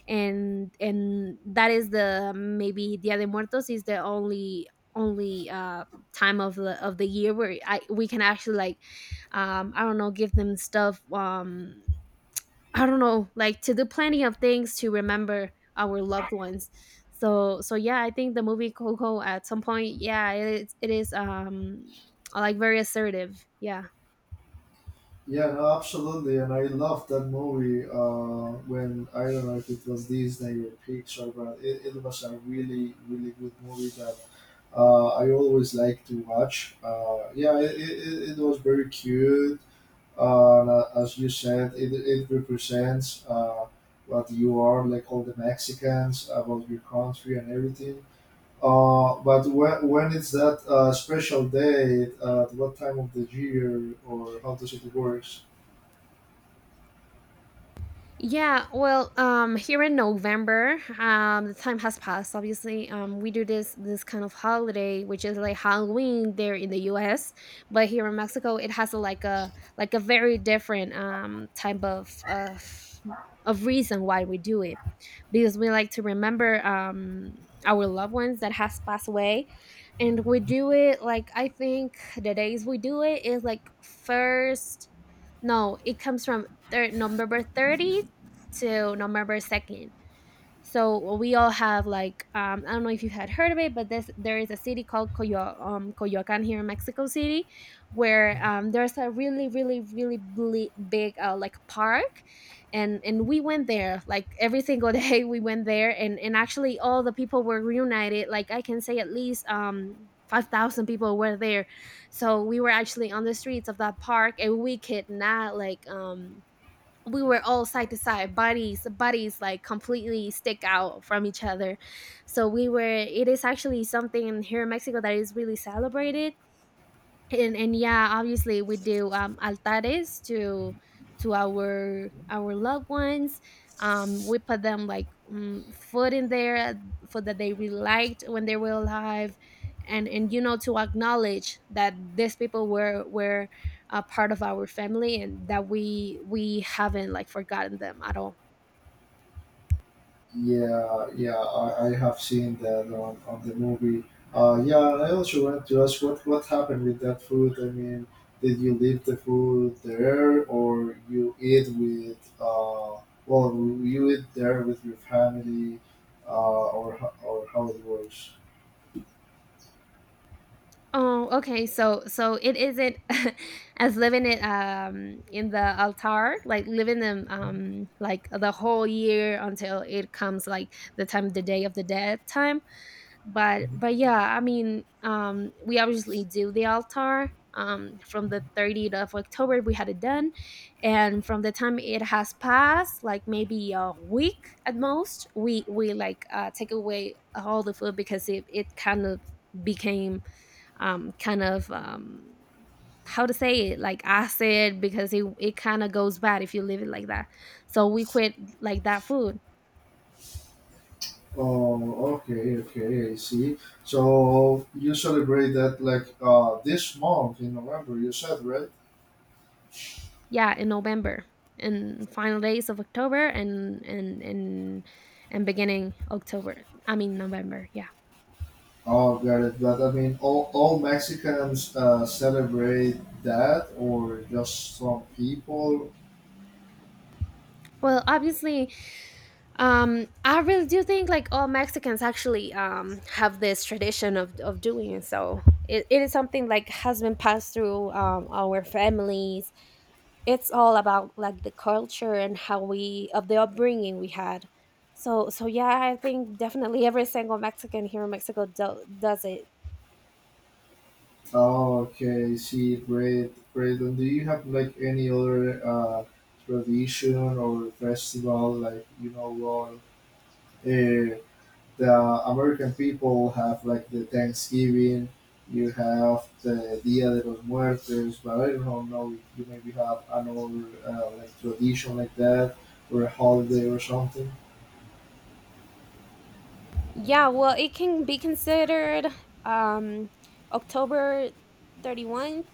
And that is the maybe dia de muertos is the only time of the year where I we can actually, like, I don't know, give them stuff. I don't know, like, to do plenty of things to remember our loved ones. So yeah, I think the movie Coco at some point, yeah, it is like very assertive. Yeah. Yeah, no, absolutely, and I love that movie. When, I don't know if it was Disney or Pixar, but it was a really, really good movie that I always like to watch. Yeah, it was very cute. As you said, it represents what you are, like all the Mexicans, about your country and everything. But when it's that special day, at what time of the year, or how does it work? Yeah, well, here in November, the time has passed. Obviously, we do this kind of holiday, which is like Halloween there in the U.S., but here in Mexico, it has a, like a, very different type of reason why we do it, because we like to remember our loved ones that has passed away. And we do it like, I think the days we do it is like first no, it comes from November 30 to November 2nd. So we all have like, I don't know if you had heard of it, but this there is a city called Coyoacan here in Mexico City, where there's a really really really big, like, park, and we went there like every single day. <laughs> We went there, and actually all the people were reunited. Like, I can say at least, 5,000 people were there, so we were actually on the streets of that park, and we could not, like, we were all side to side, bodies like completely stick out from each other. So we were It is actually something here in Mexico that is really celebrated, and yeah, obviously we do, altares to our loved ones. We put them, like, food in there, food that they really liked when they were alive, and you know, to acknowledge that these people were a part of our family, and that we haven't like forgotten them at all. Yeah, yeah, I have seen that on the movie. Yeah, and I also want to ask what happened with that food. I mean, did you leave the food there, or you eat with well, you eat there with your family, or how it works? Oh, okay. So it isn't, <laughs> as living it, in the altar, like living them, Mhm, like the whole year until it comes like the time, the day of the dead time. But mhm. Yeah, I mean, we obviously do the altar, from the 30th of October we had it done. And from the time it has passed, like maybe a week at most, we like, take away all the food, because it kind of became, um, kind of um, how to say it, like acid, because it kind of goes bad if you leave it like that. So we quit like that food. Oh, okay, okay, I see. So you celebrate that like this month in November. You said, right? Yeah, in November, and final days of October, and beginning October, I mean November, yeah. Oh, got it. But I mean, all Mexicans celebrate that, or just some people? Well, obviously, I really do think, like, all Mexicans actually, have this tradition of doing it. So it is something like has been passed through, our families. It's all about, like, the culture and how we, of the upbringing we had. So yeah, I think definitely every single Mexican here in Mexico does it. Oh, okay. See, great, great. And do you have like any other tradition or festival, like you know, well, uh, the American people have like the Thanksgiving. You have the Dia de los Muertos, but I don't know if you maybe have another like tradition like that or a holiday or something. Yeah, well, it can be considered, um, October 31st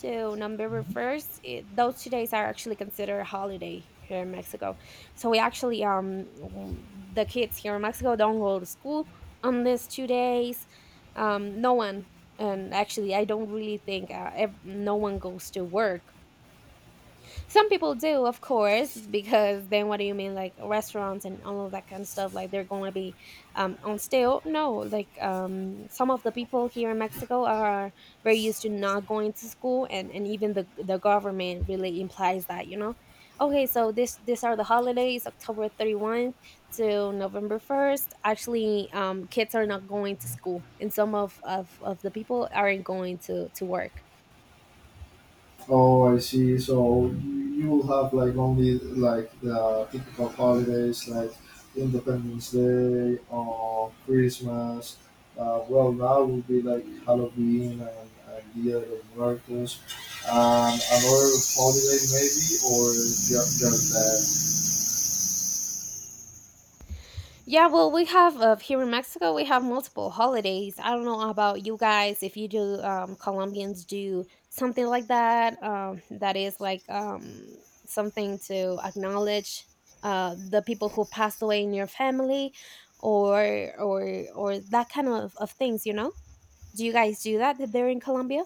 to November 1st. Those 2 days are actually considered a holiday here in Mexico. So we actually, the kids here in Mexico don't go to school on these 2 days. No one, and actually, I don't really think, no one goes to work. Some people do, of course, because then what do you mean, like restaurants and all of that kind of stuff? Like they're going to be, on sale? No, like, some of the people here in Mexico are very used to not going to school, and even the government really implies that, you know. Okay, so this these are the holidays, October 31 to November 1. Actually, kids are not going to school, and some of the people aren't going to work. Oh, I see. So you will have like only like the typical holidays like Independence Day or Christmas. Well, now will be like Halloween and Dia de Muertos, and another holiday maybe, or just that. Yeah, well, we have, here in Mexico, we have multiple holidays. I don't know about you guys if you do, Colombians do something like that. That is like, something to acknowledge, the people who passed away in your family, or or that kind of things. You know, do you guys do that there in Colombia?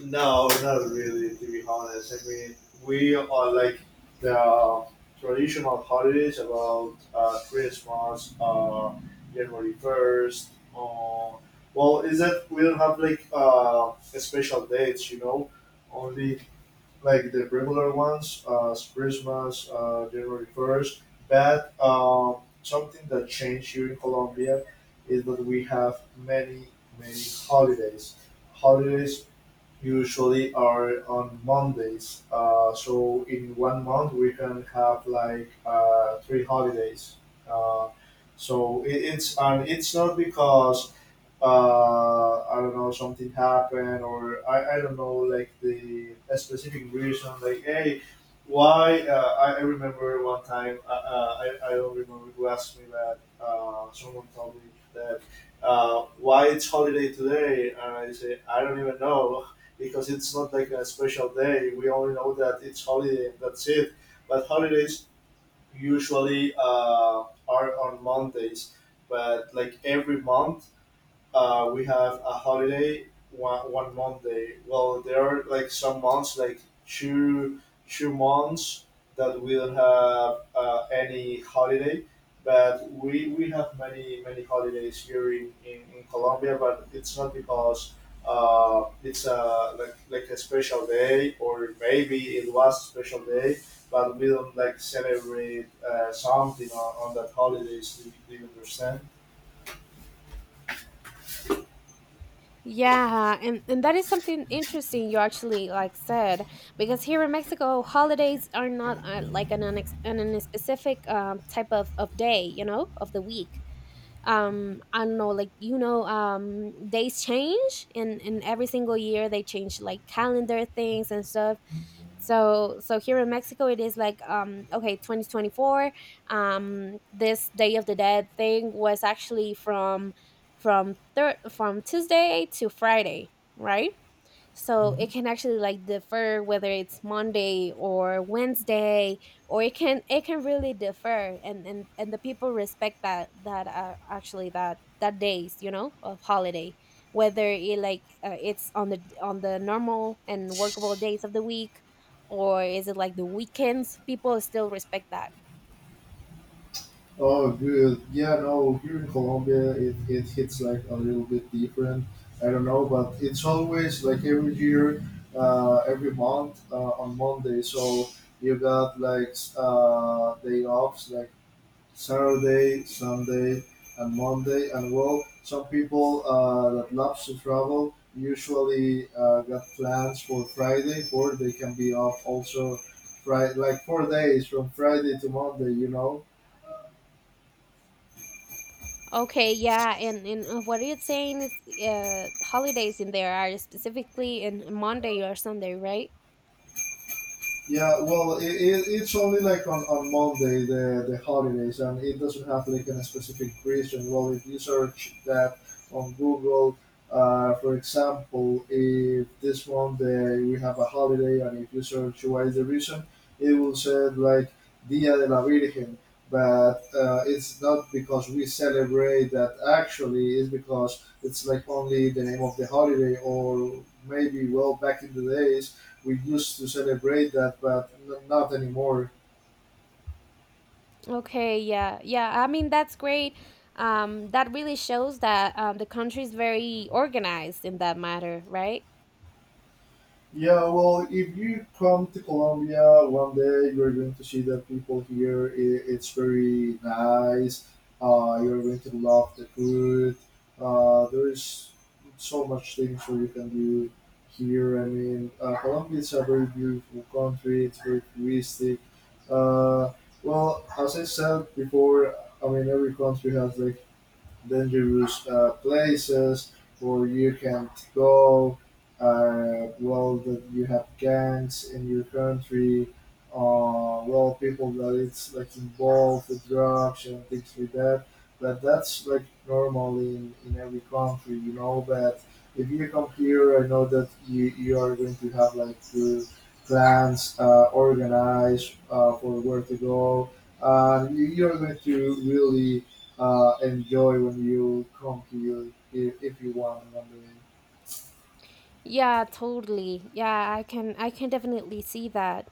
No, not really. To be honest, I mean, we are like the traditional holidays about Christmas, January 1st. Uh, well, is that we don't have like special dates, you know, only like the regular ones, Christmas, January 1st. But something that changed here in Colombia is that we have many, many holidays holidays usually are on Mondays. So in one month we can have like 3 holidays. Uh, it's and it's not because I don't know, something happened, I don't know, like the a specific reason, like, hey, why? I remember one time, I don't remember who asked me that, someone told me that, why it's holiday today? And I say, I don't even know, because it's not like a special day. We only know that it's holiday, and that's it. But holidays usually are on Mondays, but like every month, we have a holiday one Monday. Well, there are like some months, like two two months that we don't have any holiday, but we have many, many holidays here in Colombia. But it's not because it's a like a special day, or maybe it was a special day, but we don't like celebrate something on that holidays. Do you understand? Yeah, and that is something interesting you actually, like, said, because here in Mexico, holidays are not, like, an specific, type of day, you know, of the week. I don't know, like, you know, days change, and every single year they change, like, calendar things and stuff. So here in Mexico it is like, okay, 2024, this day of the dead thing was actually from from Tuesday to Friday, right? So it can actually, like, differ whether it's Monday or Wednesday, or it can really differ. And the people respect that, actually that days, you know, of holiday, whether it like, it's on the normal and workable days of the week, or is it like the weekends, people still respect that. Oh, good. Yeah, no, here in Colombia, it hits like a little bit different. I don't know, but it's always like every year, every month on Monday. So you got like day offs like Saturday, Sunday, and Monday. And well, some people that loves to travel usually got plans for Friday, or they can be off also, right? Like four days from Friday to Monday, you know. Okay, yeah, and what it's saying is, holidays in there are specifically in Monday or Sunday, right? Yeah, well, it's only like on Monday the holidays, and it doesn't have like a specific reason. Well, if you search that on Google, for example, if this Monday we have a holiday, and if you search what is the reason, it will say like Dia de la Virgen, but it's not because we celebrate that. Actually, it's because it's like only the name of the holiday, or maybe well back in the days we used to celebrate that, but not anymore. Okay, yeah, yeah. I mean, that's great. That really shows that, the country is very organized in that matter, right? Yeah, well, if you come to Colombia one day, you're going to see that people here, I it's very nice. You're going to love the food. There is so much things that you can do here. I mean, Colombia is a very beautiful country. It's very touristic. Uh, well, as I said before, I mean, every country has like dangerous places where you can't go. Well, that you have gangs in your country. Well, people that it's like involved with drugs and things like that. But that's like normal in every country, you know. But if you come here, I know that you are going to have like your plans organized for where to go. You are going to really enjoy when you come to you if you want one day. Yeah, totally. Yeah, I can definitely see that.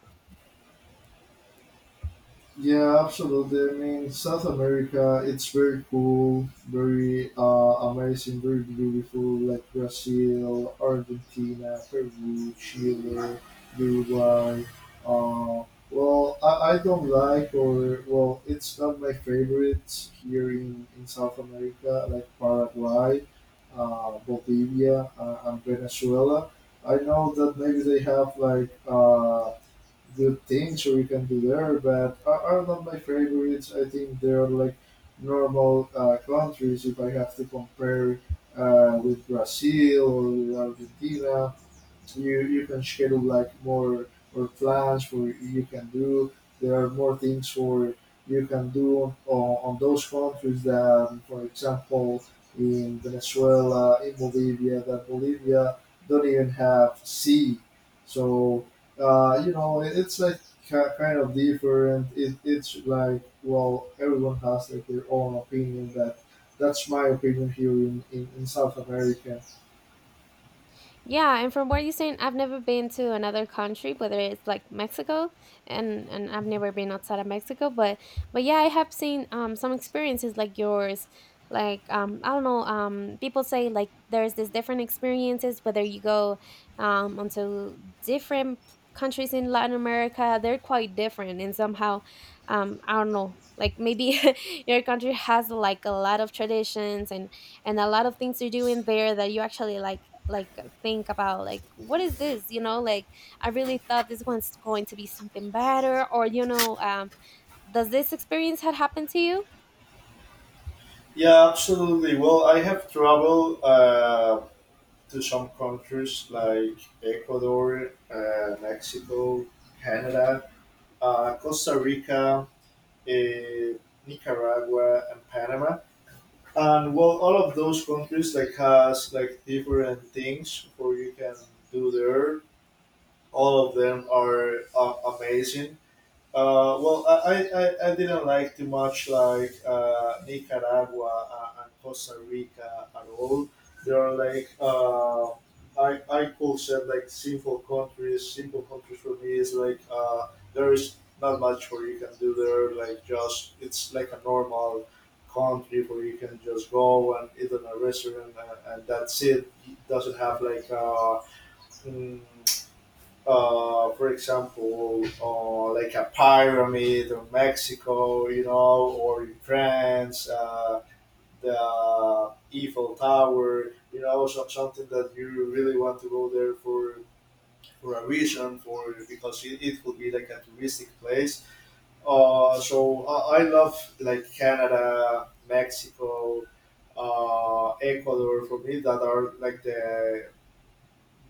Yeah, absolutely. I mean, South America, it's very cool, very amazing, very beautiful, like Brazil, Argentina, Peru, Chile, Uruguay. Uh, well, I don't like, or, well, it's not my favorite here in South America, like Paraguay, Bolivia, and Venezuela. I know that maybe they have like good things we can do there, but are not my favorites. I think they are like normal countries if I have to compare with Brazil or with Argentina. You can schedule like more plans for you can do. There are more things for you can do on those countries that, for example, in Venezuela, in Bolivia, that Bolivia don't even have sea. So you know, it's like kind of different. It's like, well, everyone has like their own opinion. That's my opinion here in South America. Yeah, and from what you're saying, I've never been to another country, whether it's like Mexico, and I've never been outside of Mexico, but yeah, I have seen, some experiences like yours, like, I don't know, people say like there's this different experiences whether you go, onto different countries in Latin America. They're quite different, and somehow, I don't know, like, maybe <laughs> your country has like a lot of traditions, and a lot of things you're doing there, that you actually, like, like think about, like, what is this, you know, like, I really thought this one's going to be something better, or, you know, does this experience had happened to you? Yeah, absolutely. Well, I have traveled to some countries like Ecuador, Mexico, Canada, Costa Rica, uh, Nicaragua, and Panama. And well, all of those countries like has like different things for you can do there. All of them are amazing. Well, I didn't like too much like Nicaragua and Costa Rica at all. They are like I could say like simple countries. Simple countries for me is like there is not much where you can do there. Like just it's like a normal country where you can just go and eat in a restaurant and that's it. It doesn't have like mm, for example, like a pyramid of Mexico, you know, or in France, the Eiffel Tower, you know, so, something that you really want to go there for a reason, for because it will be like a touristic place. I love like Canada, Mexico, Ecuador. For me, that are like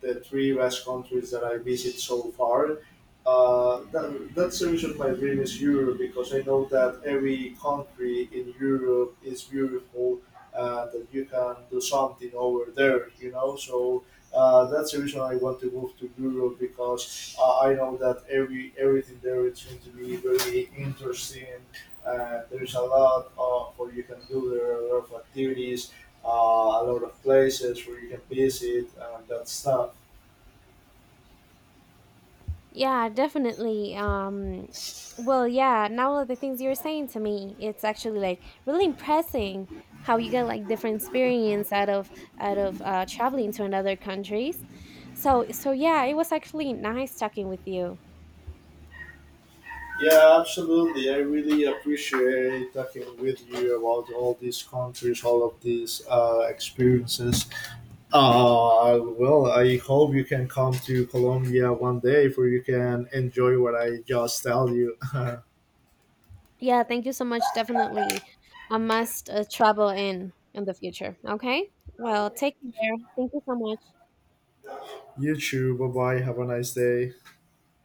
the 3 Basque countries that I visit so far. That's the reason why I really Europe because I know that every country in Europe is beautiful and that you can do something over there, you know. So that's the reason I want to move to Europe because I know that everything there is going to be very interesting. There's a lot of what you can do. There are a lot of activities uh, a lot of places where you can visit and that stuff. Yeah, definitely, well, yeah, now the things you were saying to me, it's actually like really impressing how you get like different experience out of, traveling to another countries. So yeah, it was actually nice talking with you. Yeah, absolutely. I really appreciate talking with you about all these countries, all of these experiences. Well, I hope you can come to Colombia one day where you can enjoy what I just tell you. <laughs> Yeah, thank you so much. Definitely I must, travel in the future. Okay. Well, take care. Thank you so much. You too. Bye bye. Have a nice day.